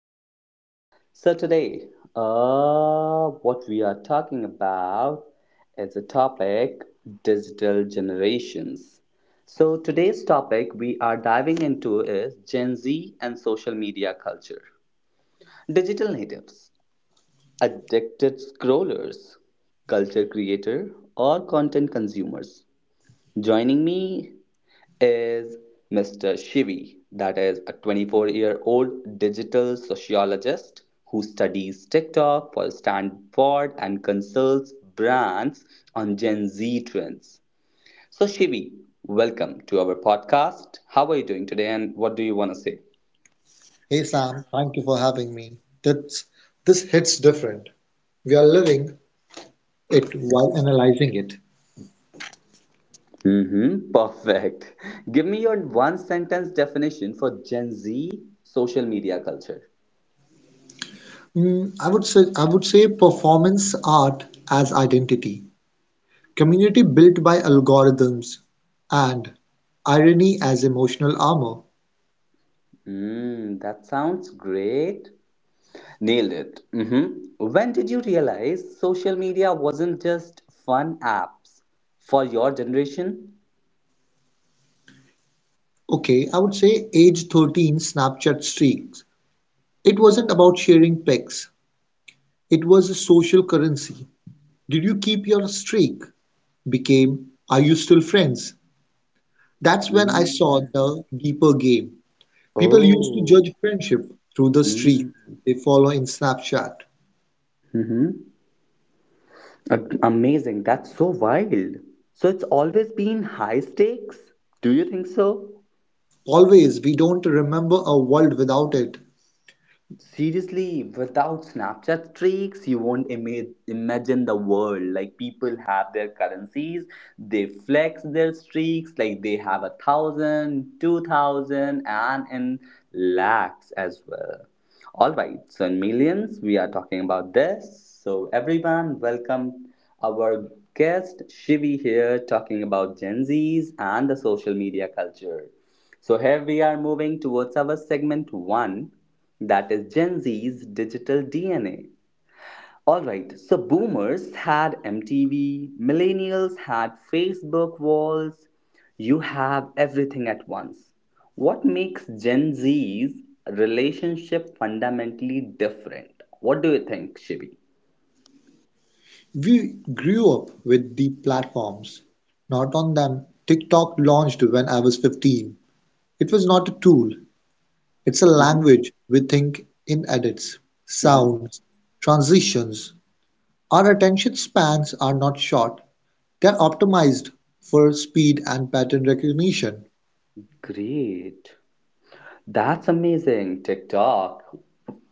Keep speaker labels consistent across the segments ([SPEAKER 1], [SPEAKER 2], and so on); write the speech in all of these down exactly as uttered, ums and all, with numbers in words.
[SPEAKER 1] hmm So, today, uh, what we are talking about is a topic, digital generations. So, today's topic we are diving into is Gen Z and social media culture. Digital natives, addicted scrollers, culture creator, or content consumers. Joining me is mister Shivi, that is a twenty-four year old digital sociologist who studies TikTok for Stanford and consults brands on Gen Z trends. So, Shivi, welcome to our podcast. How are you doing today and what do you want to say?
[SPEAKER 2] Hey Sam, thank you for having me. That's, this hits different. We are living it while analyzing it.
[SPEAKER 1] Mm-hmm, perfect. Give me your one sentence definition for Gen Z social media culture.
[SPEAKER 2] Mm, I would say I would say performance art as identity, community built by algorithms, and irony as emotional armor.
[SPEAKER 1] Mm, that sounds great. Nailed it. hmm When did you realize social media wasn't just fun apps for your generation?
[SPEAKER 2] Okay, I would say age thirteen Snapchat streaks. It wasn't about sharing pics. It was a social currency. Did you keep your streak? Became, are you still friends? That's when I saw
[SPEAKER 1] Mm.
[SPEAKER 2] the deeper game. People used to
[SPEAKER 1] Oh.
[SPEAKER 2] judge friendship through the streak
[SPEAKER 1] Mm.
[SPEAKER 2] they follow in Snapchat.
[SPEAKER 1] Mm-hmm. A- Amazing. That's so wild. So it's always been high stakes? Do you think so?
[SPEAKER 2] Always, we don't remember a world without it.
[SPEAKER 1] Seriously, without Snapchat streaks, you won't ima- imagine the world. Like people have their currencies, they flex their streaks, like they have a thousand, two thousand, and in lakhs as well. All right, so in millions, we are talking about this. So everyone, welcome our guest Shivi here, talking about Gen Zs and the social media culture. So here we are moving towards our segment one, that is Gen Z's digital D N A. Alright, so boomers had M T V, millennials had Facebook walls. You have everything at once. What makes Gen Z's relationship fundamentally different? What do you think, Shibi?
[SPEAKER 2] We grew up with the platforms, not on them. TikTok launched when I was fifteen. It was not a tool, it's a
[SPEAKER 1] hmm
[SPEAKER 2] language we think in edits,
[SPEAKER 1] hmm
[SPEAKER 2] sounds, transitions. Our attention spans are not short, they're optimized for speed and pattern recognition.
[SPEAKER 1] Great. That's amazing. TikTok.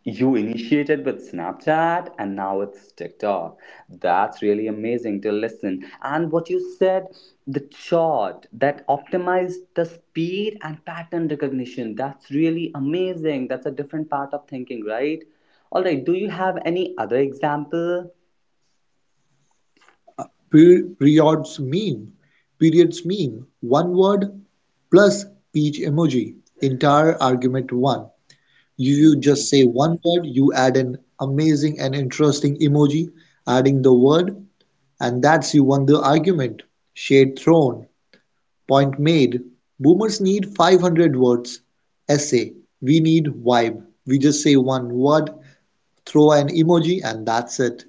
[SPEAKER 1] You initiated with Snapchat and now it's TikTok. That's really amazing to listen. And what you said, the chart that optimized the speed and pattern recognition. That's really amazing. That's a different part of thinking, right? All right. Do you have any other example?
[SPEAKER 2] Periods meme Periods meme. One word plus peach emoji. Entire argument one. You you just say one word, you add an amazing and interesting emoji, adding the word, and that's you won the argument. Shade thrown. Point made. Boomers need five hundred words. Essay. We need vibe. We just say one word, throw an emoji, and that's it.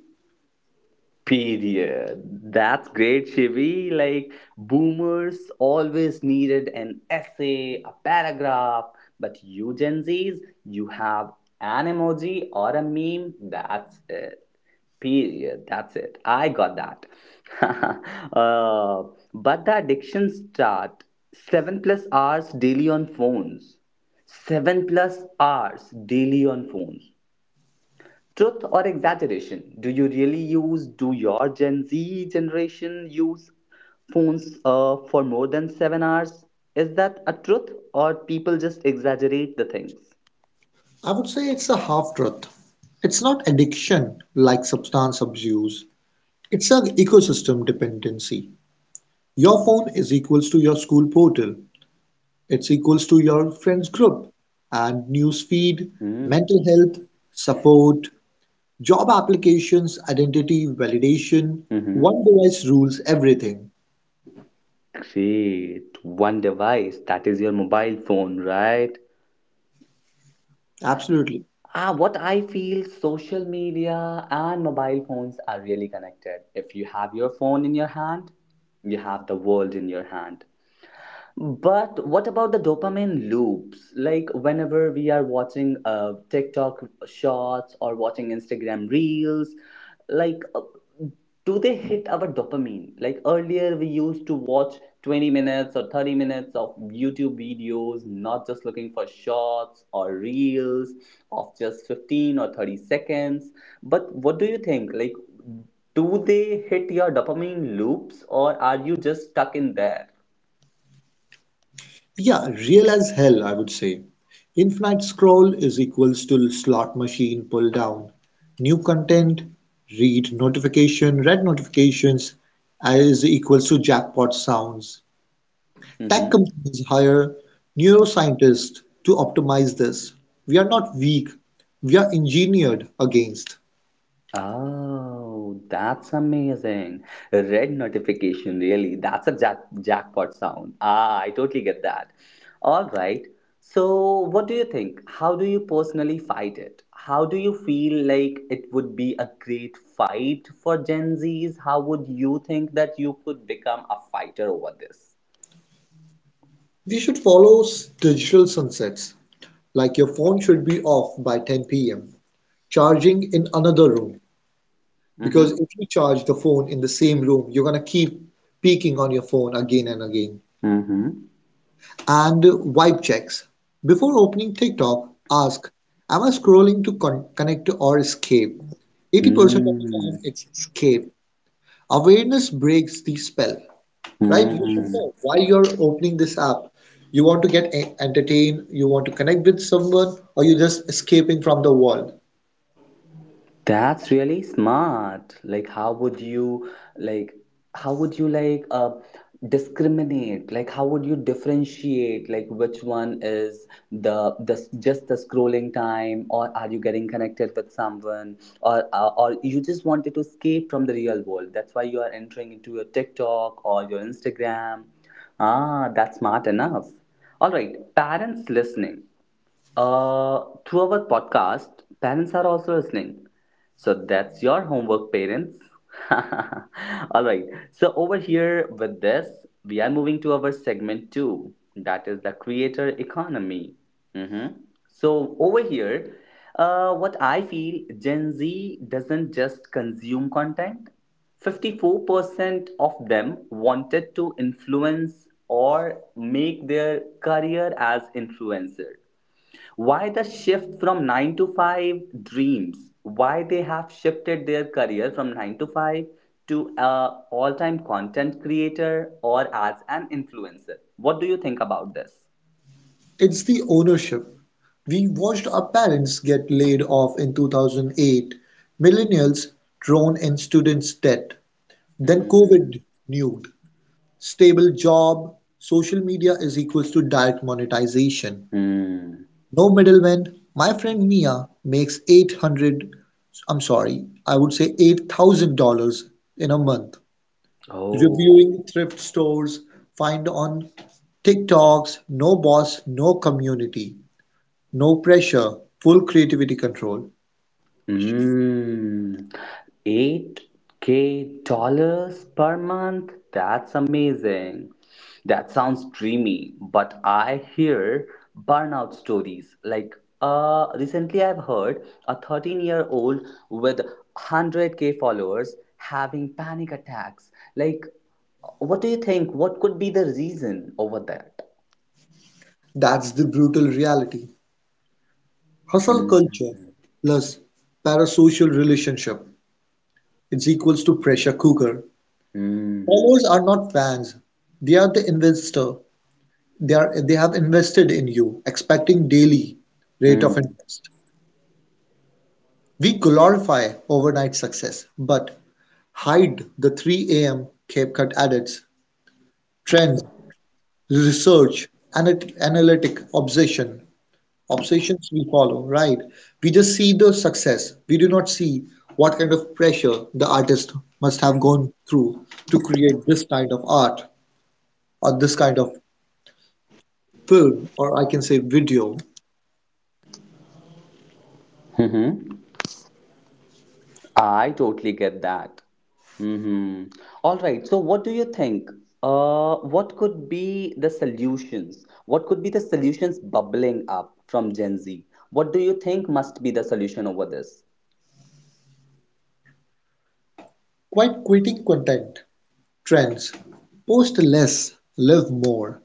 [SPEAKER 1] Period. That's great, Shivi. Like, boomers always needed an essay, a paragraph, but you Gen Zs, you have an emoji or a meme. That's it. Period. That's it. I got that. uh, but the addiction start, seven plus hours daily on phones. Seven plus hours daily on phones. Truth or exaggeration? Do you really use, do your Gen Z generation use phones uh, for more than seven hours? Is that a truth or people just exaggerate the things?
[SPEAKER 2] I would say it's a half truth. It's not addiction like substance abuse. It's an ecosystem dependency. Your phone is equals to your school portal. It's equals to your friends group and newsfeed,
[SPEAKER 1] Mm.
[SPEAKER 2] mental health, support, job applications, identity validation.
[SPEAKER 1] Mm-hmm.
[SPEAKER 2] One device rules everything.
[SPEAKER 1] Great. One device, that is your mobile phone, right?
[SPEAKER 2] Absolutely.
[SPEAKER 1] Ah, what I feel social media and mobile phones are really connected. If you have your phone in your hand, you have the world in your hand. But what about the dopamine loops? Like whenever we are watching uh, TikTok shorts or watching Instagram reels, like uh, do they hit our dopamine? Like earlier, we used to watch twenty minutes or thirty minutes of YouTube videos, not just looking for shorts or reels of just fifteen or thirty seconds. But what do you think? Like, do they hit your dopamine loops or are you just stuck in there?
[SPEAKER 2] Yeah, real as hell, I would say. Infinite scroll is equals to slot machine pull down. New content, read notification, red notifications is equals to jackpot sounds. Tech
[SPEAKER 1] Mm-hmm.
[SPEAKER 2] companies hire neuroscientists to optimize this. We are not weak, we are engineered against.
[SPEAKER 1] Oh, that's amazing. Red notification, really. That's a jack jackpot sound. Ah, I totally get that. All right. So, what do you think? How do you personally fight it? How do you feel like it would be a great fight for Gen Zs? How would you think that you could become a fighter over this?
[SPEAKER 2] We should follow s- digital sunsets, like your phone should be off by ten p m, charging in another room. Because
[SPEAKER 1] Mm-hmm.
[SPEAKER 2] if you charge the phone in the same room, you're going to keep peeking on your phone again and again.
[SPEAKER 1] Mm-hmm.
[SPEAKER 2] And vibe checks. Before opening TikTok, ask, am I scrolling to con- connect or escape? eighty percent of the time,
[SPEAKER 1] Mm-hmm.
[SPEAKER 2] it's escape. Awareness breaks the spell, right? You should
[SPEAKER 1] Mm-hmm.
[SPEAKER 2] know why you're opening this app. You want to get e-, entertained, you want to connect with someone, or you're just escaping from the world.
[SPEAKER 1] That's really smart. Like, how would you like? How would you like uh, discriminate? Like, how would you differentiate? Like, which one is the the just the scrolling time, or are you getting connected with someone, or uh, or you just wanted to escape from the real world? That's why you are entering into your TikTok or your Instagram. Ah, that's smart enough. All right, parents listening. Uh, through our podcast, parents are also listening. So that's your homework, parents. All right. So over here with this, we are moving to our segment two, that is the creator economy. Mm-hmm. So over here, uh, what I feel, Gen Z doesn't just consume content. fifty-four percent of them wanted to influence or make their career as influencer. Why the shift from nine to five dreams? Why they have shifted their career from nine to five to a all-time content creator or as an influencer? What do you think about this?
[SPEAKER 2] It's the ownership. We watched our parents get laid off in two thousand eight, millennials drown in students' debt, then
[SPEAKER 1] Hmm.
[SPEAKER 2] COVID nude. Stable job, social media is equals to direct monetization.
[SPEAKER 1] Hmm.
[SPEAKER 2] No middleman. My friend Mia makes eight hundred, I'm sorry, I would say eight thousand dollars in a month.
[SPEAKER 1] Oh.
[SPEAKER 2] Reviewing thrift stores, find on TikToks, no boss, no community. No pressure, full creativity control.
[SPEAKER 1] Mm, eight k dollars per month? That's amazing. That sounds dreamy, but I hear burnout stories. Like, uh, recently I've heard a thirteen year old with one hundred k followers having panic attacks. Like, what do you think? What could be the reason over that?
[SPEAKER 2] That's the brutal reality. Hustle
[SPEAKER 1] Mm,
[SPEAKER 2] culture plus parasocial relationship. It's equals to pressure cooker.
[SPEAKER 1] mm,
[SPEAKER 2] Followers are not fans. They are the investor. They are they have invested in you, expecting daily rate of
[SPEAKER 1] mm.
[SPEAKER 2] interest. We glorify overnight success, but hide the three a m. Cape Cut edits, trends, research, and analytic obsession. Obsessions we follow, right? We just see the success. We do not see what kind of pressure the artist must have gone through to create this kind of art or this kind of film or I can say video.
[SPEAKER 3] Mm-hmm. I totally get that. Mm-hmm. All right. So, what do you think? Uh, what could be the solutions? What could be the solutions bubbling up from Gen Z? What do you think must be the solution over this?
[SPEAKER 2] Quite quitting content trends. Post less, live more.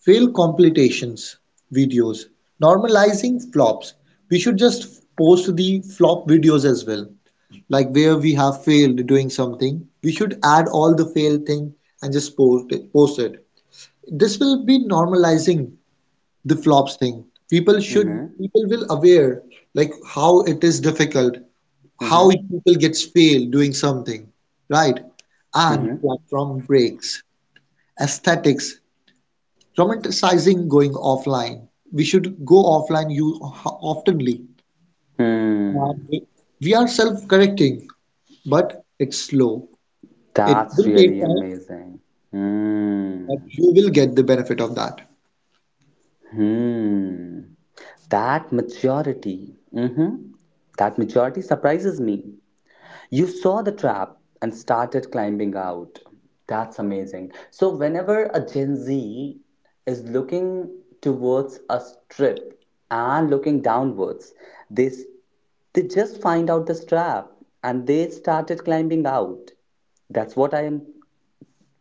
[SPEAKER 2] Fail completions videos. Normalizing flops. We should just post the flop videos as well. Like where we have failed doing something, we should add all the fail thing and just post it, post it. This will be normalizing the flops thing. People should
[SPEAKER 3] Mm-hmm.
[SPEAKER 2] people will aware like how it is difficult, how
[SPEAKER 3] Mm-hmm.
[SPEAKER 2] people gets fail doing something, right?
[SPEAKER 3] Mm-hmm.
[SPEAKER 2] And platform breaks, aesthetics romanticizing going offline. We should go offline you oftenly. Uh,
[SPEAKER 3] Mm.
[SPEAKER 2] we are self-correcting, but it's slow. It
[SPEAKER 3] That's
[SPEAKER 2] will take
[SPEAKER 3] really
[SPEAKER 2] time,
[SPEAKER 3] amazing.
[SPEAKER 2] but
[SPEAKER 3] Hmm.
[SPEAKER 2] you will get the benefit of that.
[SPEAKER 3] Hmm. That maturity. Mm-hmm. That maturity surprises me. You saw the trap and started climbing out. That's amazing. So, whenever a Gen Z is looking towards a strip and looking downwards, they, they just find out this trap and they started climbing out. That's what I am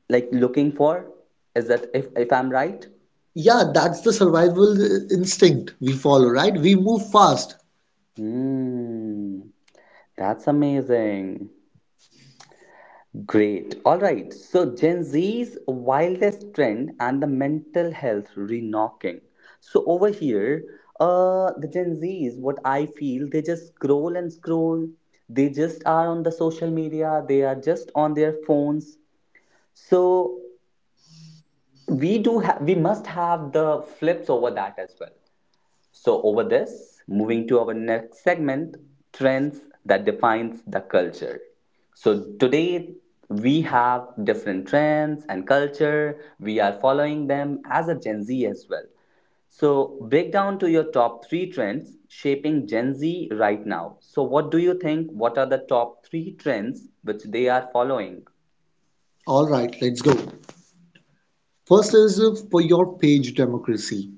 [SPEAKER 3] like looking for. Is that if, if I'm right?
[SPEAKER 2] Yeah, that's the survival instinct we follow, right? We move fast.
[SPEAKER 3] Hmm, that's amazing. Great. All right. So Gen Z's wildest trend and the mental health re-knocking. So over here, uh, the Gen Z's, what I feel, they just scroll and scroll. They just are on the social media. They are just on their phones. So we do have, we must have the flips over that as well. So over this, moving to our next segment, trends that defines the culture. So today we have different trends and culture. We are following them as a Gen Z as well. So break down to your top three trends shaping Gen Z right now. So what do you think? What are the top three trends which they are following?
[SPEAKER 2] All right, let's go. First is for your page democracy.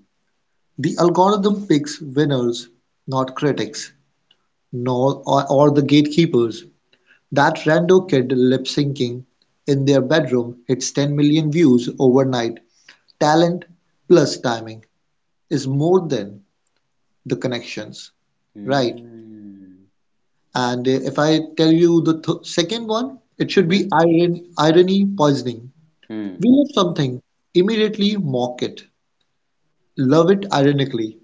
[SPEAKER 2] The algorithm picks winners, not critics, nor or, or the gatekeepers. That rando kid lip-syncing in their bedroom hits ten million views overnight. Talent plus timing is more than the connections, right?
[SPEAKER 3] Hmm.
[SPEAKER 2] And uh, if I tell you the th- second one, it should be
[SPEAKER 3] Mm-hmm.
[SPEAKER 2] iron- irony poisoning. We
[SPEAKER 3] Hmm.
[SPEAKER 2] love something, immediately mock it, love it ironically,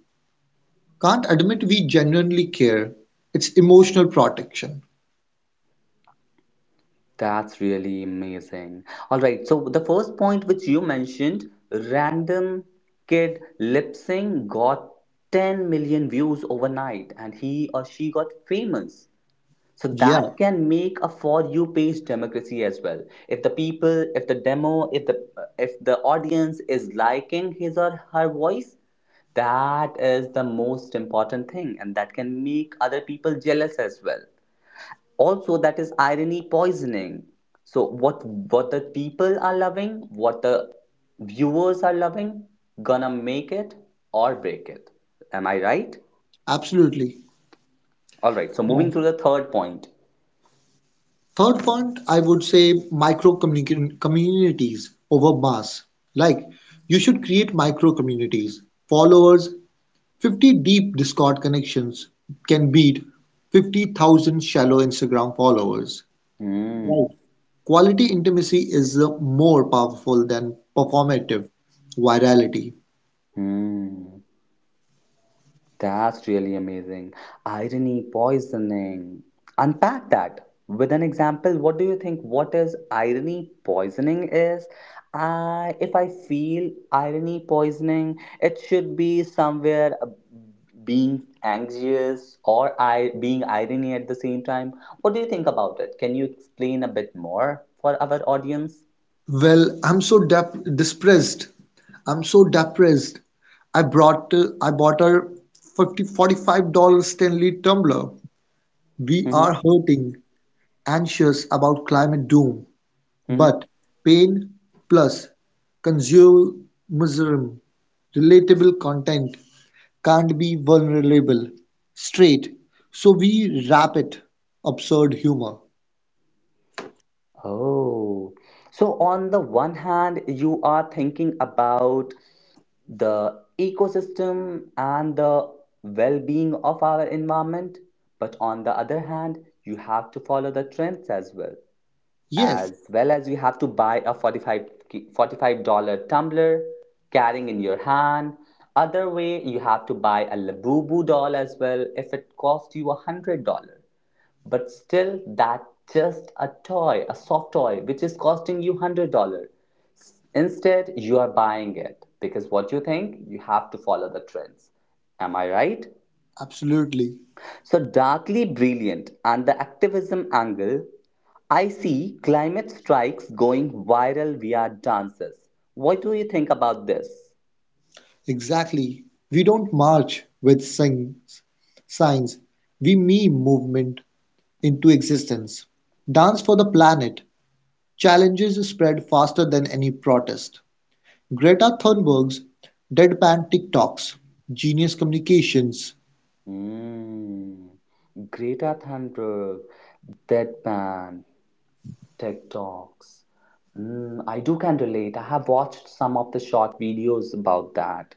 [SPEAKER 2] can't admit we genuinely care. It's emotional protection.
[SPEAKER 3] That's really amazing. All right. So the first point which you mentioned, random kid lip sync got ten million views overnight and he or she got famous. So
[SPEAKER 2] Yeah,
[SPEAKER 3] that can make a for you page democracy as well. If the people, if the demo, if the if the audience is liking his or her voice, that is the most important thing and that can make other people jealous as well also that is irony poisoning so what what the people are loving what the viewers are loving gonna make it or break it am I right.
[SPEAKER 2] absolutely.
[SPEAKER 3] All right, so moving to the third point.
[SPEAKER 2] Third point, I would say micro communica- communities over mass. Like you should create micro communities. Followers, fifty deep Discord connections can beat fifty thousand shallow Instagram followers. Right.
[SPEAKER 3] Hmm.
[SPEAKER 2] Quality intimacy is uh, more powerful than performative virality.
[SPEAKER 3] Hmm. That's really amazing. Irony, poisoning. Unpack that with an example. What do you think? What is irony poisoning is? I, if I feel irony poisoning, it should be somewhere uh, being anxious or I being irony at the same time. What do you think about it? Can you explain a bit more for our audience?
[SPEAKER 2] Well, I'm so dep depressed. I'm so depressed. I brought uh, I bought her fifty forty-five dollars Stanley tumbler. We are
[SPEAKER 3] Hmm.
[SPEAKER 2] hurting, anxious about climate doom,
[SPEAKER 3] Hmm.
[SPEAKER 2] but pain plus consumerism, relatable content can't be vulnerable, straight, so we wrap it absurd humor.
[SPEAKER 3] Oh, so on the one hand, you are thinking about the ecosystem and the well being of our environment. But on the other hand, you have to follow the trends as well.
[SPEAKER 2] Yes,
[SPEAKER 3] As well as you have to buy a forty-five dollars tumbler carrying in your hand. Other way, you have to buy a Labubu doll as well if it costs you one hundred dollars, but still that just a toy a soft toy which is costing you one hundred dollars, instead you are buying it because what you think you have to follow the trends, am I right?
[SPEAKER 2] absolutely,
[SPEAKER 3] So darkly brilliant and the activism angle, I see climate strikes going viral via dances. What do you think about this?
[SPEAKER 2] exactly. We don't march with signs, signs. We meme movement into existence. Dance for the planet challenges spread faster than any protest. Greta Thunberg's deadpan TikToks, genius communications.
[SPEAKER 3] Hmm. Greta Thunberg, Deadpan, TikToks. Mm, I do can relate. I have watched some of the short videos about that.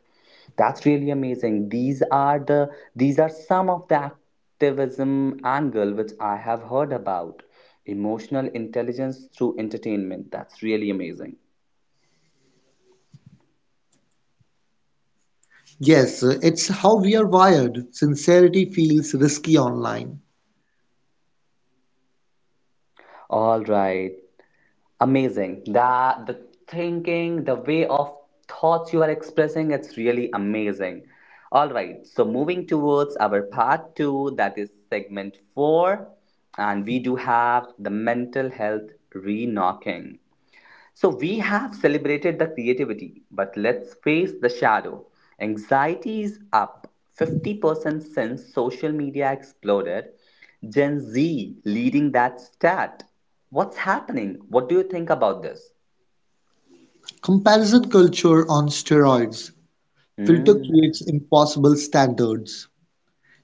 [SPEAKER 3] That's really amazing. These are the these are some of the activism angle which I have heard about. Emotional intelligence through entertainment. That's really amazing.
[SPEAKER 2] Yes, it's how we are wired. Sincerity feels risky online.
[SPEAKER 3] All right. Amazing. That the thinking, the way of thoughts you are expressing, it's really amazing. All right. So moving towards our part two, that is segment four, and we do have the mental health re-knocking. So we have celebrated the creativity, but let's face the shadow. Anxiety is up fifty percent since social media exploded. Gen Z leading that stat. What's happening? What do you think about this?
[SPEAKER 2] Comparison culture on steroids. Filter
[SPEAKER 3] Hmm.
[SPEAKER 2] creates impossible standards.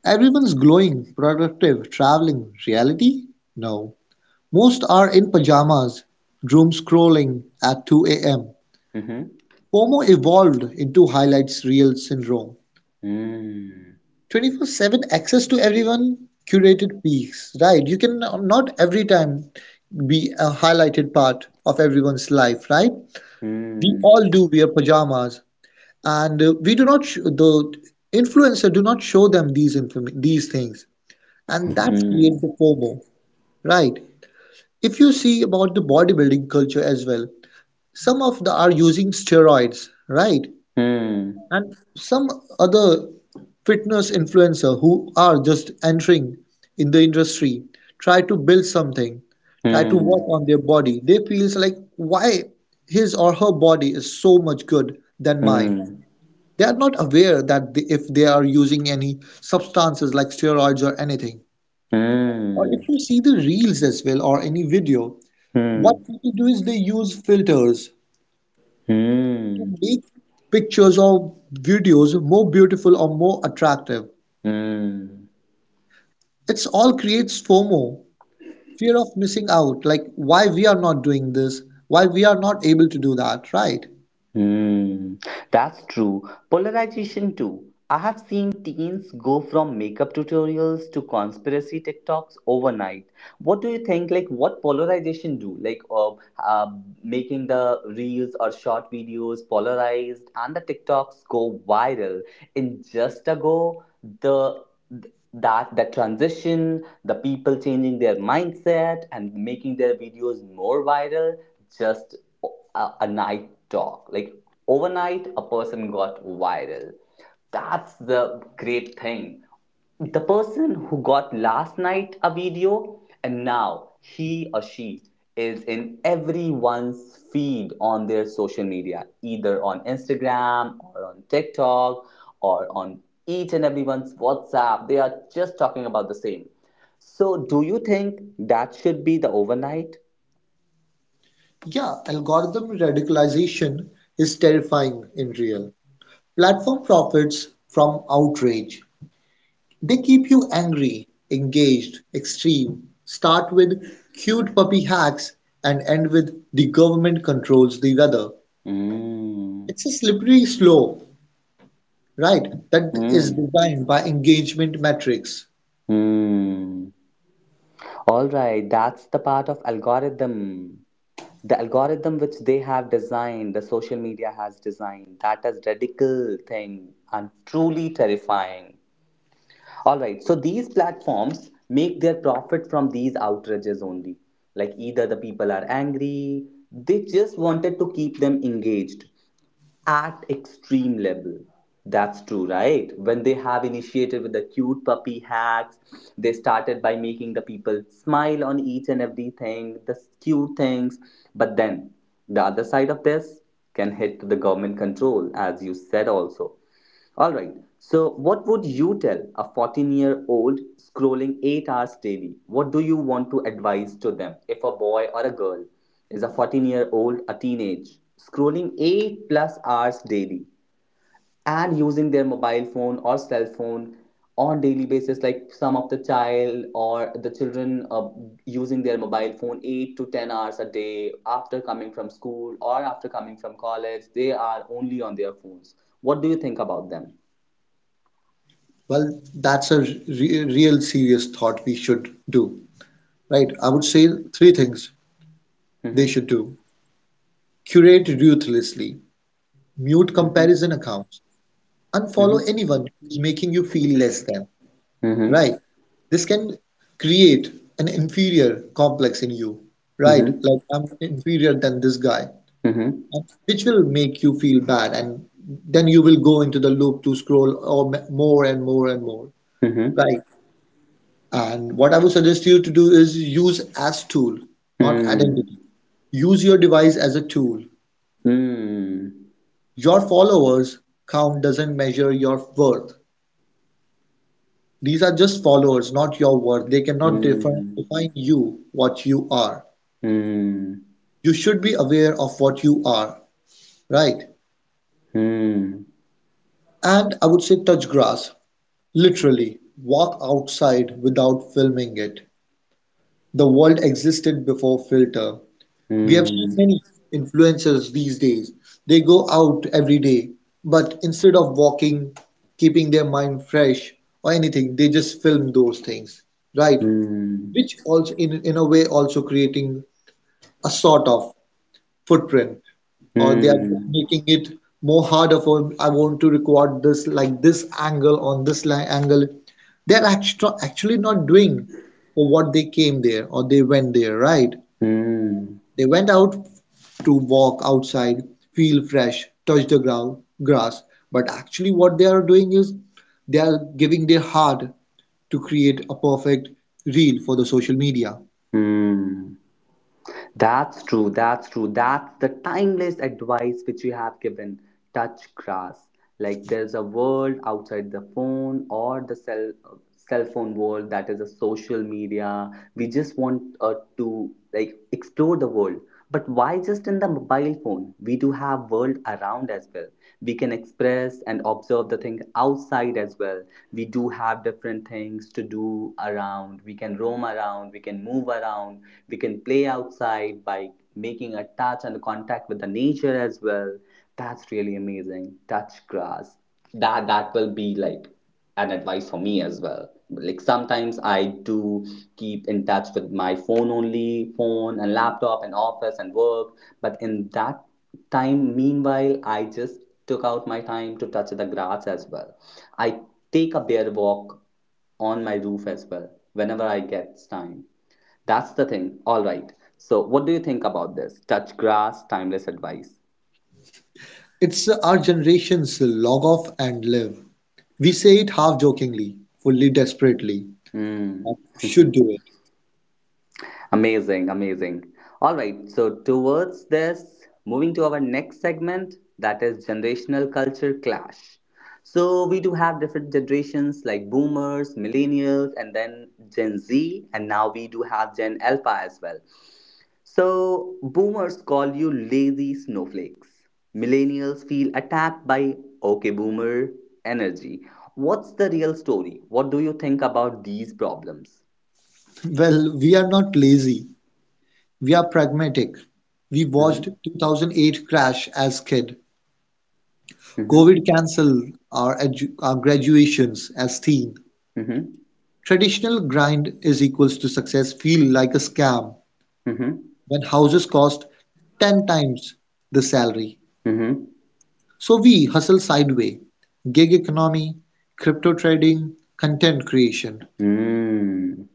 [SPEAKER 2] Everyone's glowing, productive, traveling. Reality? No. Most are in pajamas, doom scrolling at two a m.
[SPEAKER 3] Hmm.
[SPEAKER 2] FOMO evolved into highlights reel syndrome.
[SPEAKER 3] Hmm.
[SPEAKER 2] twenty-four seven access to everyone curated piece, right? You can not every time be a highlighted part of everyone's life, right? We
[SPEAKER 3] Hmm.
[SPEAKER 2] all do wear pajamas, and uh, we do not sh- the influencer do not show them these inform- these things, and that creates
[SPEAKER 3] Hmm.
[SPEAKER 2] the FOMO, right? If you see about the bodybuilding culture as well, some of the are using steroids, right?
[SPEAKER 3] Hmm.
[SPEAKER 2] And some other fitness influencer who are just entering in the industry try to build something, try to work
[SPEAKER 3] Hmm.
[SPEAKER 2] on their body, they feels like why his or her body is so much good than mine.
[SPEAKER 3] Hmm.
[SPEAKER 2] They are not aware that they, if they are using any substances like steroids or anything, or if
[SPEAKER 3] Hmm.
[SPEAKER 2] you see the reels as well or any video, what
[SPEAKER 3] Hmm.
[SPEAKER 2] people do is they use filters to
[SPEAKER 3] Hmm.
[SPEAKER 2] make pictures or videos more beautiful or more attractive.
[SPEAKER 3] Hmm.
[SPEAKER 2] It's all creates FOMO, fear of missing out, like why we are not doing this, why we are not able to do that, right?
[SPEAKER 3] Hmm, that's true. Polarization too. I have seen teens go from makeup tutorials to conspiracy TikToks overnight. What do you think? Like, what polarization do? Like, uh, uh, Making the reels or short videos polarized and the TikToks go viral in just a go. The that the transition, the people changing their mindset and making their videos more viral just a, a night talk. Like overnight, a person got viral. That's the great thing. The person who got last night a video and now he or she is in everyone's feed on their social media, either on Instagram or on TikTok or on each and everyone's WhatsApp. They are just talking about the same. So, do you think that should be the overnight?
[SPEAKER 2] Yeah, algorithm radicalization is terrifying in real. Platform profits from outrage. They keep you angry, engaged, extreme. Start with cute puppy hacks and end with the government controls the weather.
[SPEAKER 3] Mm.
[SPEAKER 2] It's a slippery slope, right? That is
[SPEAKER 3] Mm.
[SPEAKER 2] designed by engagement metrics.
[SPEAKER 3] Hmm. All right, that's the part of algorithm. The algorithm which they have designed, the social media has designed, that is radical thing and truly terrifying. All right, so these platforms make their profit from these outrages only. Like either the people are angry, they just wanted to keep them engaged at extreme level, that's true, right? When they have initiated with the cute puppy hacks, they started by making the people smile on each and everything the cute things, but then the other side of this can hit the government control as you said also. All right. So, what would you tell a fourteen year old scrolling eight hours daily? What do you want to advise to them if a boy or a girl is a fourteen year old, a teenage, scrolling eight plus hours daily and using their mobile phone or cell phone on daily basis like some of the child or the children uh, using their mobile phone eight to ten hours a day after coming from school or after coming from college they are only on their phones, what do you think about them?
[SPEAKER 2] Well, that's a re- real serious thought we should do, right? I would say three things they should do:
[SPEAKER 3] hmm
[SPEAKER 2] curate ruthlessly, mute comparison
[SPEAKER 3] hmm
[SPEAKER 2] accounts, unfollow
[SPEAKER 3] hmm
[SPEAKER 2] anyone who's making you feel less than, right?
[SPEAKER 3] Hmm
[SPEAKER 2] This can create an inferior complex in you, right?
[SPEAKER 3] Hmm
[SPEAKER 2] Like, I'm inferior than this guy,
[SPEAKER 3] hmm
[SPEAKER 2] which will make you feel bad, and then you will go into the loop to scroll or m- more and more and more,
[SPEAKER 3] hmm
[SPEAKER 2] right? And what I would suggest you to do is use as tool, not identity.
[SPEAKER 3] Hmm
[SPEAKER 2] Use your device as a tool.
[SPEAKER 3] Hmm hmm
[SPEAKER 2] Your followers count doesn't measure your worth. These are just followers, not your worth. They cannot define, define you, what you are. You should be aware of what you are, right?
[SPEAKER 3] Hmm hmm
[SPEAKER 2] And I would say touch grass. Literally, walk outside without filming it. The world existed before filter. We have seen
[SPEAKER 3] hmm
[SPEAKER 2] many influencers these days. They go out every day, but instead of walking, keeping their mind fresh or anything, they just film those things, right? Which also in in a way also creating a sort of footprint, or they are just
[SPEAKER 3] hmm
[SPEAKER 2] making it more harder for I want to record this like this angle on this li- angle. They're actually actually not doing for what they came there or they went there, right?
[SPEAKER 3] Hmm
[SPEAKER 2] They went out to walk outside, feel fresh, touch the ground, grass. But actually, what they are doing is they are giving their heart to create a perfect reel for the social media.
[SPEAKER 3] Hmm That's true, that's true. That's the timeless advice which you have given. Touch grass. Like there's a world outside the phone or the cell cell phone world that is a social media. We just want uh, to like explore the world. But why just in the mobile phone? We do have world around as well. We can express and observe the thing outside as well. We do have different things to do around. We can roam around, we can move around, we can play outside by making a touch and contact with the nature as well. That's really amazing, touch grass. That that will be like an advice for me as well. Like sometimes I do keep in touch with my phone only, phone and laptop and office and work, but in that time meanwhile I just took out my time to touch the grass as well. I take a bare walk on my roof as well whenever I get time. That's the thing. All right. So, what do you think about this? Touch grass, timeless advice.
[SPEAKER 2] It's our generation's log off and live. We say it half jokingly, fully desperately.
[SPEAKER 3] Mm,
[SPEAKER 2] But you should do it.
[SPEAKER 3] amazing, amazing. All right. So, towards this, moving to our next segment that is generational culture clash. So, we do have different generations like boomers, millennials, and then Gen Z, and now we do have Gen Alpha as well. So, boomers call you lazy snowflakes. Millennials feel attacked by okay boomer energy. What's the real story? What do you think about these problems?
[SPEAKER 2] Well, we are not lazy. We are pragmatic. We watched
[SPEAKER 3] Mhm,
[SPEAKER 2] two thousand eight crash as kid.
[SPEAKER 3] mhm,
[SPEAKER 2] Covid cancelled our edu- our graduations as theme.
[SPEAKER 3] mhm,
[SPEAKER 2] Traditional grind is equals to success feel like a scam
[SPEAKER 3] mhm,
[SPEAKER 2] when houses cost ten times the salary.
[SPEAKER 3] mhm.
[SPEAKER 2] So we hustle sideway, gig economy, crypto trading, content creation.
[SPEAKER 3] Mm,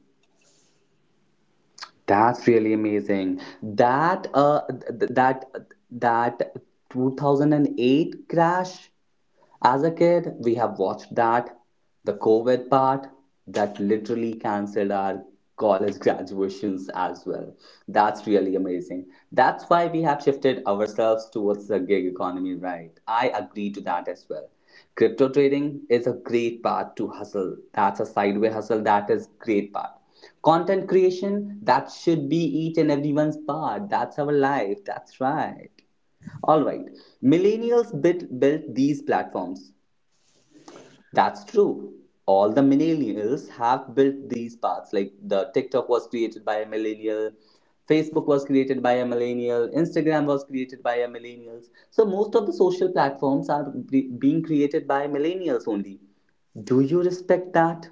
[SPEAKER 3] that's really amazing. That uh th- th- that that two thousand eight crash. As a kid, we have watched that, the COVID part, that literally cancelled our college graduations as well. That's really amazing. That's why we have shifted ourselves towards the gig economy, right? I agree to that as well. Crypto trading is a great part to hustle. That's a sideway hustle. That is great part. Content creation, that should be each and everyone's part. That's our life. That's right. All right. Millennials bit built these platforms. That's true. All the millennials have built these paths. Like the TikTok was created by a millennial, Facebook was created by a millennial, Instagram was created by a millennials. So most of the social platforms are be- being created by millennials only. Do you respect that?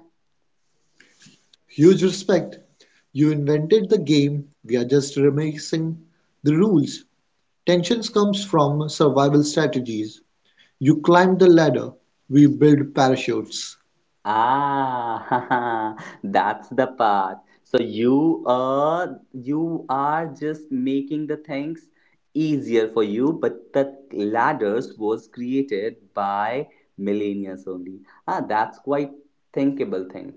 [SPEAKER 2] Huge respect. You invented the game, we are just remixing the rules. Tensions comes from survival strategies. You climb the ladder, we build parachutes.
[SPEAKER 3] Ah, that's the part. So you uh you are just making the things easier for you, but the ladders was created by millennials only. Ah, that's quite thinkable thing.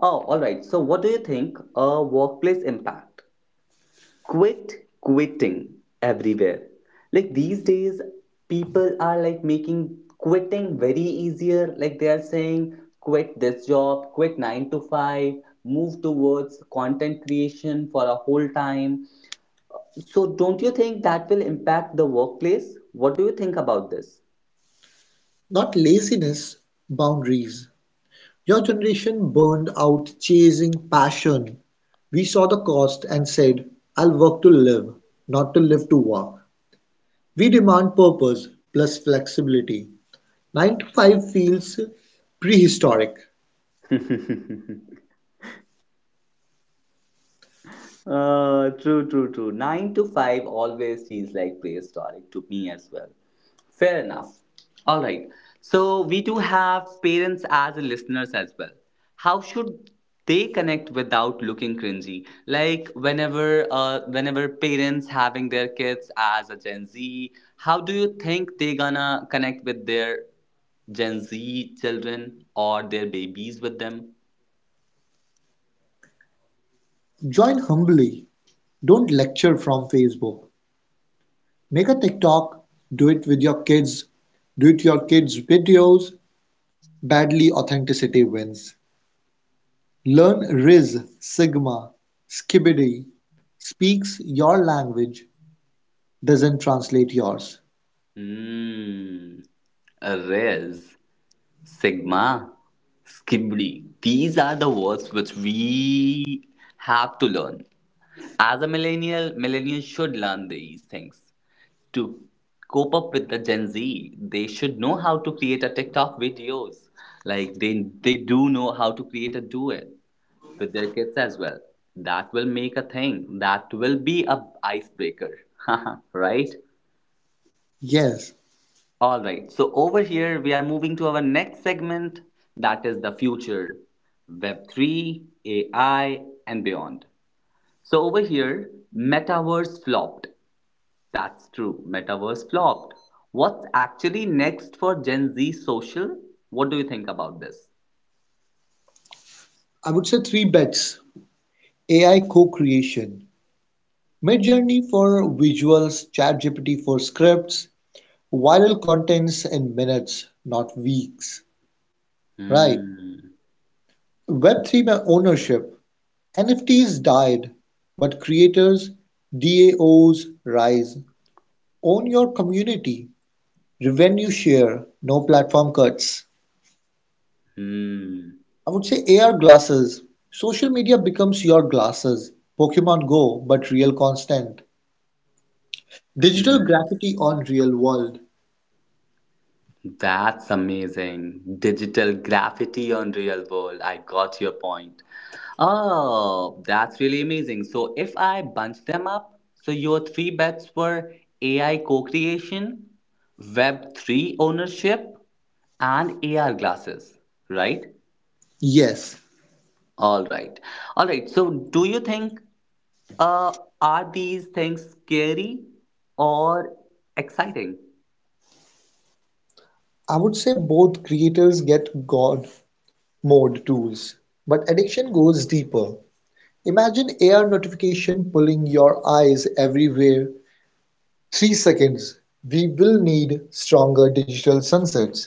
[SPEAKER 3] Oh, all right. So what do you think? A workplace impact, quit quitting everywhere, like these days people are like making quitting very easier, like they are saying quit this job, quit nine to five, move towards content creation for a whole time. So don't you think that will impact the workplace, what do you think about
[SPEAKER 2] Not laziness, boundaries. Your generation burned out chasing passion. We saw the cost and said, I'll work to live, not to live to work. We demand purpose plus flexibility. nine to five feels prehistoric.
[SPEAKER 3] this? Uh, true, true, true. Nine to five always feels like prehistoric to me as well. Fair enough. All right. So we do have parents as listeners as well. How should they connect without looking cringy? Like whenever, uh, whenever parents having their kids as a Gen Z, how do you think they gonna connect with their Gen Z children or their babies with them?
[SPEAKER 2] Join humbly. Don't lecture from Facebook. Make a TikTok. Do it with your kids. Do it your kids' videos. Badly authenticity wins. Learn Riz Sigma Skibidi speaks your language, doesn't translate yours.
[SPEAKER 3] Hmm. Riz. Sigma, Skibidi. These are the words which we have to learn. As a millennial, millennials should learn these things. To cope up with the Gen Z, they should know how to create a TikTok videos. Like they they do know how to create a duet with their kids as well. That will make a thing. That will be a icebreaker. Right?
[SPEAKER 2] Yes,
[SPEAKER 3] All right, so over here we are moving to our next segment, that is the future, web three, A I, and beyond. So over here, Metaverse flopped. That's true, Metaverse flopped. What's actually next for Gen Z social? What do you think about this?
[SPEAKER 2] I would say three bets. A I co-creation. Midjourney for visuals, ChatGPT for scripts, viral contents in minutes, not weeks. Right.
[SPEAKER 3] Hmm.
[SPEAKER 2] web three ownership. N F Ts died, but creators, D A Os rise. Own your community. Revenue share, no platform cuts.
[SPEAKER 3] Hmm.
[SPEAKER 2] I would say A R glasses. Social media becomes your glasses. Pokemon Go, but real constant. Digital
[SPEAKER 3] Hmm.
[SPEAKER 2] graffiti on real world.
[SPEAKER 3] That's amazing. Digital graffiti on real world. I got your point. Oh, that's really amazing. So if I bunch them up, so your three bets were A I co-creation, web three ownership, and A R glasses, right?
[SPEAKER 2] Yes,
[SPEAKER 3] All right. All right. So do you think uh are these things scary or exciting?
[SPEAKER 2] I would say both creators get God mode tools, but addiction goes deeper. Imagine A R notification pulling your eyes everywhere. Three seconds. We will need stronger digital sunsets.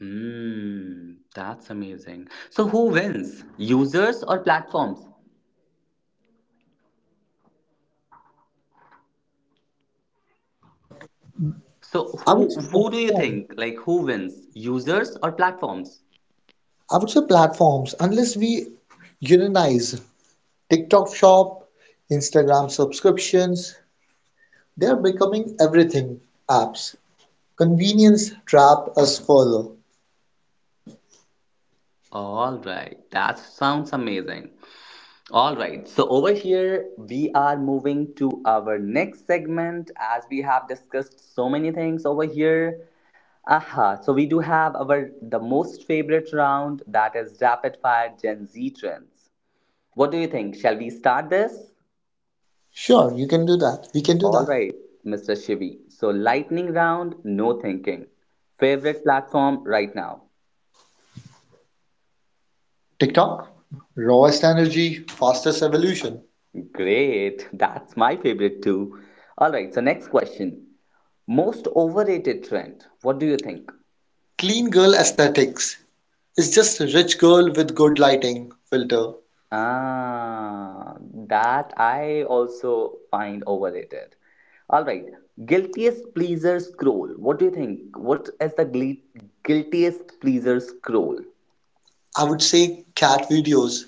[SPEAKER 3] Mm, that's amazing. So who wins? Users or platforms? So
[SPEAKER 2] I would
[SPEAKER 3] who
[SPEAKER 2] say
[SPEAKER 3] who do you
[SPEAKER 2] platform.
[SPEAKER 3] think? Like who wins? Users or platforms?
[SPEAKER 2] I would say platforms, unless we unionize TikTok shop, Instagram subscriptions, they are becoming everything apps. Convenience trap us further.
[SPEAKER 3] All right, that sounds amazing. All right, so over here we are moving to our next segment as we have discussed so many things over here. Aha, so we do have our the most favorite round, that is rapid fire Gen Z trends. What do you think? Shall we start this?
[SPEAKER 2] Sure, you can do that. We can do
[SPEAKER 3] All
[SPEAKER 2] that.
[SPEAKER 3] right, mister Shivi. So, lightning round, no thinking. Favorite platform right now?
[SPEAKER 2] TikTok, rawest energy, fastest evolution.
[SPEAKER 3] Great, that's my favorite too. All right, so next question. Most overrated trend, what do you think?
[SPEAKER 2] Clean girl aesthetics. It's just a rich girl with good lighting filter.
[SPEAKER 3] Ah, that I also find overrated. All right, guiltiest pleaser scroll. What do you think? What is the glee- Guiltiest pleaser scroll?
[SPEAKER 2] I would say cat videos,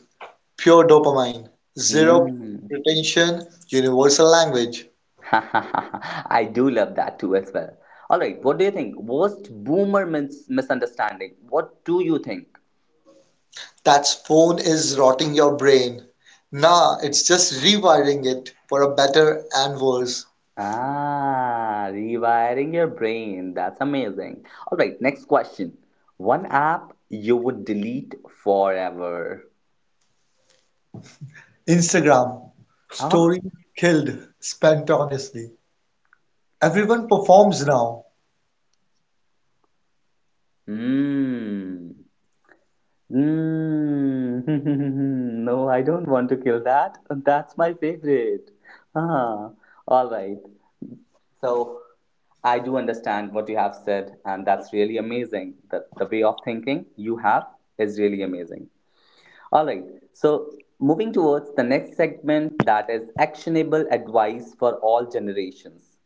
[SPEAKER 2] pure dopamine, zero
[SPEAKER 3] Hmm.
[SPEAKER 2] pretension, universal language.
[SPEAKER 3] I do love that too as well. All right, what do you think? Worst boomer mis- misunderstanding. What do you think?
[SPEAKER 2] That phone is rotting your brain. Nah, it's just rewiring it for a better and worse.
[SPEAKER 3] Ah, rewiring your brain. That's amazing. All right, next question. One app you would delete forever.
[SPEAKER 2] Instagram.
[SPEAKER 3] Huh?
[SPEAKER 2] Story killed spontaneously. Everyone performs now.
[SPEAKER 3] Hmm. Hmm. No, I don't want to kill that. That's my favorite. Ah, all right. So I do understand what you have said, and that's really amazing. That the way of thinking you have is really amazing. All right. So moving towards the next segment, that is actionable advice for all generations.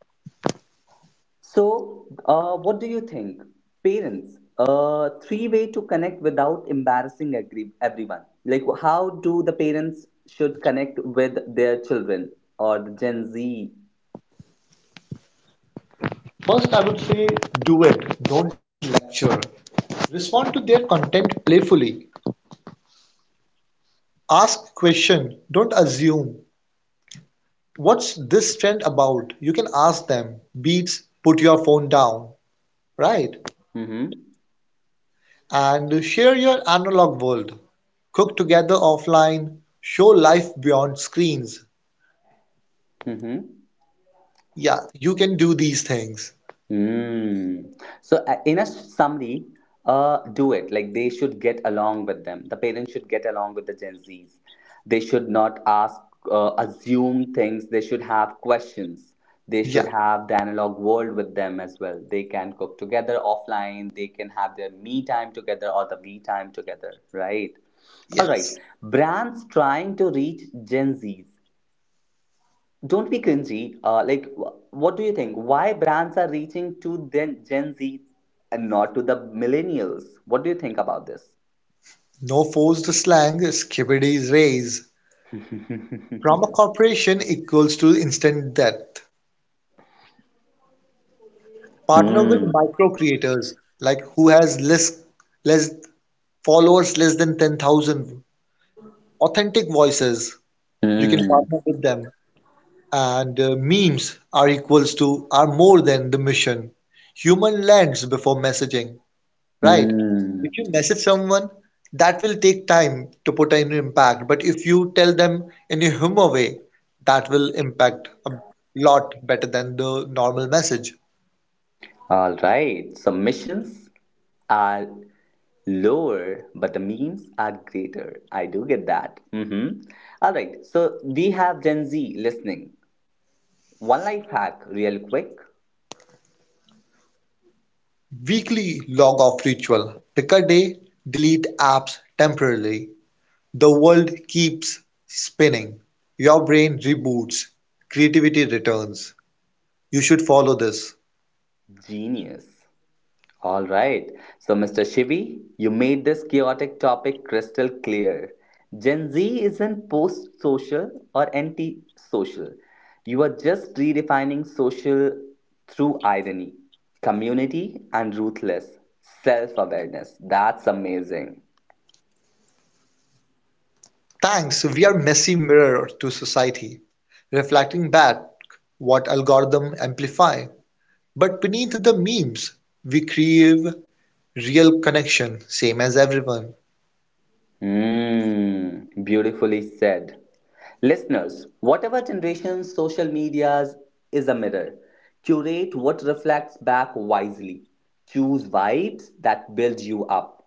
[SPEAKER 3] So, uh, what do you think, parents? Uh, three way to connect without embarrassing agree- everyone. Like, how do the parents should connect with their children or the Gen Z?
[SPEAKER 2] First, I would say do it, don't lecture. Respond to their content playfully. Ask question, don't assume. What's this trend about? You can ask them. Beats, put your phone down. Right?
[SPEAKER 3] Mm-hmm.
[SPEAKER 2] And share your analog world. Cook together offline, show life beyond screens.
[SPEAKER 3] Mm-hmm.
[SPEAKER 2] Yeah, you can do these things.
[SPEAKER 3] Mm. So, uh, in a summary, uh, do it. Like they should get along with them. The parents should get along with the Gen Zs. They should not ask, uh, assume things. They should have questions. They should
[SPEAKER 2] Yeah,
[SPEAKER 3] have the analog world with them as well. They can cook together offline. They can have their me time together or the we time together, right? All right.
[SPEAKER 2] yes.
[SPEAKER 3] Brands trying to reach Gen Zs. Don't be cringy. Uh, like, wh- what do you think? Why brands are reaching to then Gen Z and not to the millennials? What do you think about this?
[SPEAKER 2] No forced slang, skibbities raise. From a corporation equals to instant death. Partner with
[SPEAKER 3] Mm.
[SPEAKER 2] micro creators, like who has less, less followers less than ten thousand. Authentic voices, you can
[SPEAKER 3] Mm.
[SPEAKER 2] partner with them. And uh, memes are equals to are more than the mission. Human lands before messaging, right? If
[SPEAKER 3] Mm.
[SPEAKER 2] you message someone, that will take time to put an impact. But if you tell them in a humor way, that will impact a lot better than the normal message.
[SPEAKER 3] All right. Submissions are lower, but the memes are greater. I do get that. Mm-hmm. All right. So we have Gen Z listening. One life hack, real quick.
[SPEAKER 2] Weekly log off ritual. Pick a day, delete apps temporarily. The world keeps spinning. Your brain reboots. Creativity returns. You should follow this.
[SPEAKER 3] Genius. All right. So, mister Shivi, you made this chaotic topic crystal clear. Gen Z isn't post social or anti social. You are just redefining social through irony, community, and ruthless self awareness. That's amazing.
[SPEAKER 2] Thanks, we are messy mirror to society, reflecting back what algorithm amplify. But beneath the memes, we crave real connection, same as everyone.
[SPEAKER 3] Mm, beautifully said. Listeners, whatever generation's social medias is a mirror. Curate what reflects back wisely. Choose vibes that build you up.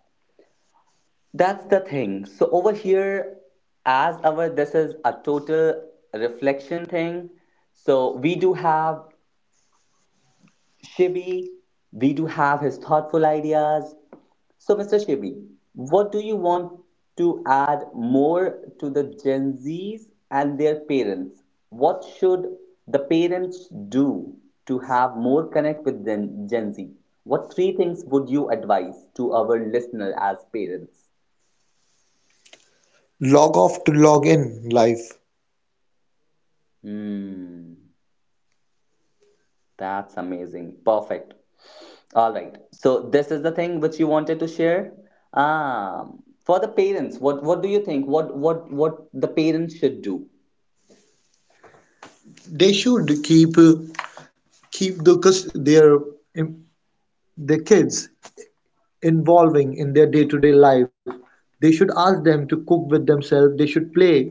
[SPEAKER 3] That's the thing. So over here, as our this is a total reflection thing. So we do have Shibi, we do have his thoughtful ideas. So, mister Shibi, what do you want to add more to the Gen Zs and their parents? What should the parents do to have more connect with Gen, Gen Z? What three things would you advise to our listener as parents?
[SPEAKER 2] Log off to log in life.
[SPEAKER 3] Hmm. That's amazing. Perfect. All right. So this is the thing which you wanted to share. Um, for the parents, what what do you think? What what what the parents should do?
[SPEAKER 2] They should keep keep the cus- their their kids involving in their day-to-day life. They should ask them to cook with themselves. They should play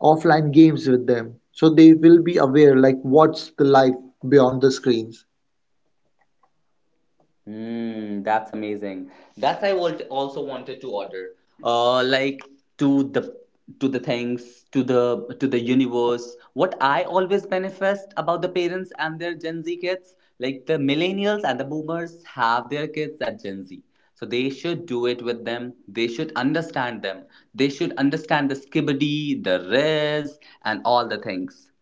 [SPEAKER 2] offline games with them. So they will be aware like what's the life beyond the screens.
[SPEAKER 3] Hmm, that's amazing. That's I would also wanted to order. Uh, like, to the to the things to the to the universe. What I always manifest about the parents and their Gen Z kids, like the millennials and the boomers have their kids at Gen Z. So they should do it with them. They should understand them. They should understand the skibbity, the res, and all the things.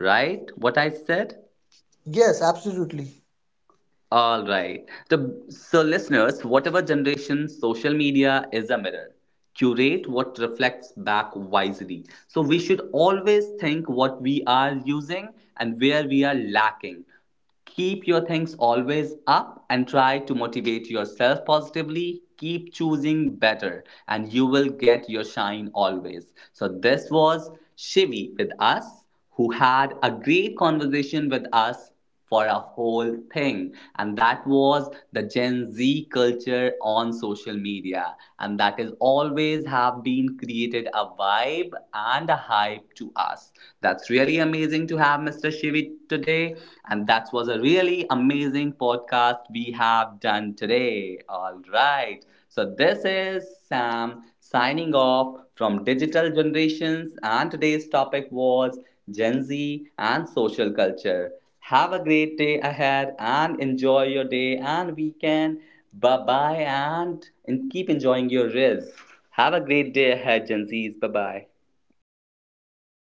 [SPEAKER 3] Right? What I said?
[SPEAKER 2] Yes, absolutely.
[SPEAKER 3] All right. The, so, listeners, whatever generation, social media is a mirror. Curate what reflects back wisely. So, we should always think what we are using and where we are lacking. Keep your things always up and try to motivate yourself positively. Keep choosing better, and you will get your shine always. So, this was Shivi with us, who had a great conversation with us for a whole thing, and that was the Gen Z culture on social media, and that is always have been created a vibe and a hype to us. That's really amazing to have mister Shivit today, and that was a really amazing podcast we have done today. All right. So, this is Sam signing off from Digital Generations, and today's topic was Gen Z and social culture. Have a great day ahead and enjoy your day and weekend. Bye bye and, and keep enjoying your Riz. Have a great day ahead, Gen Zs. Bye bye.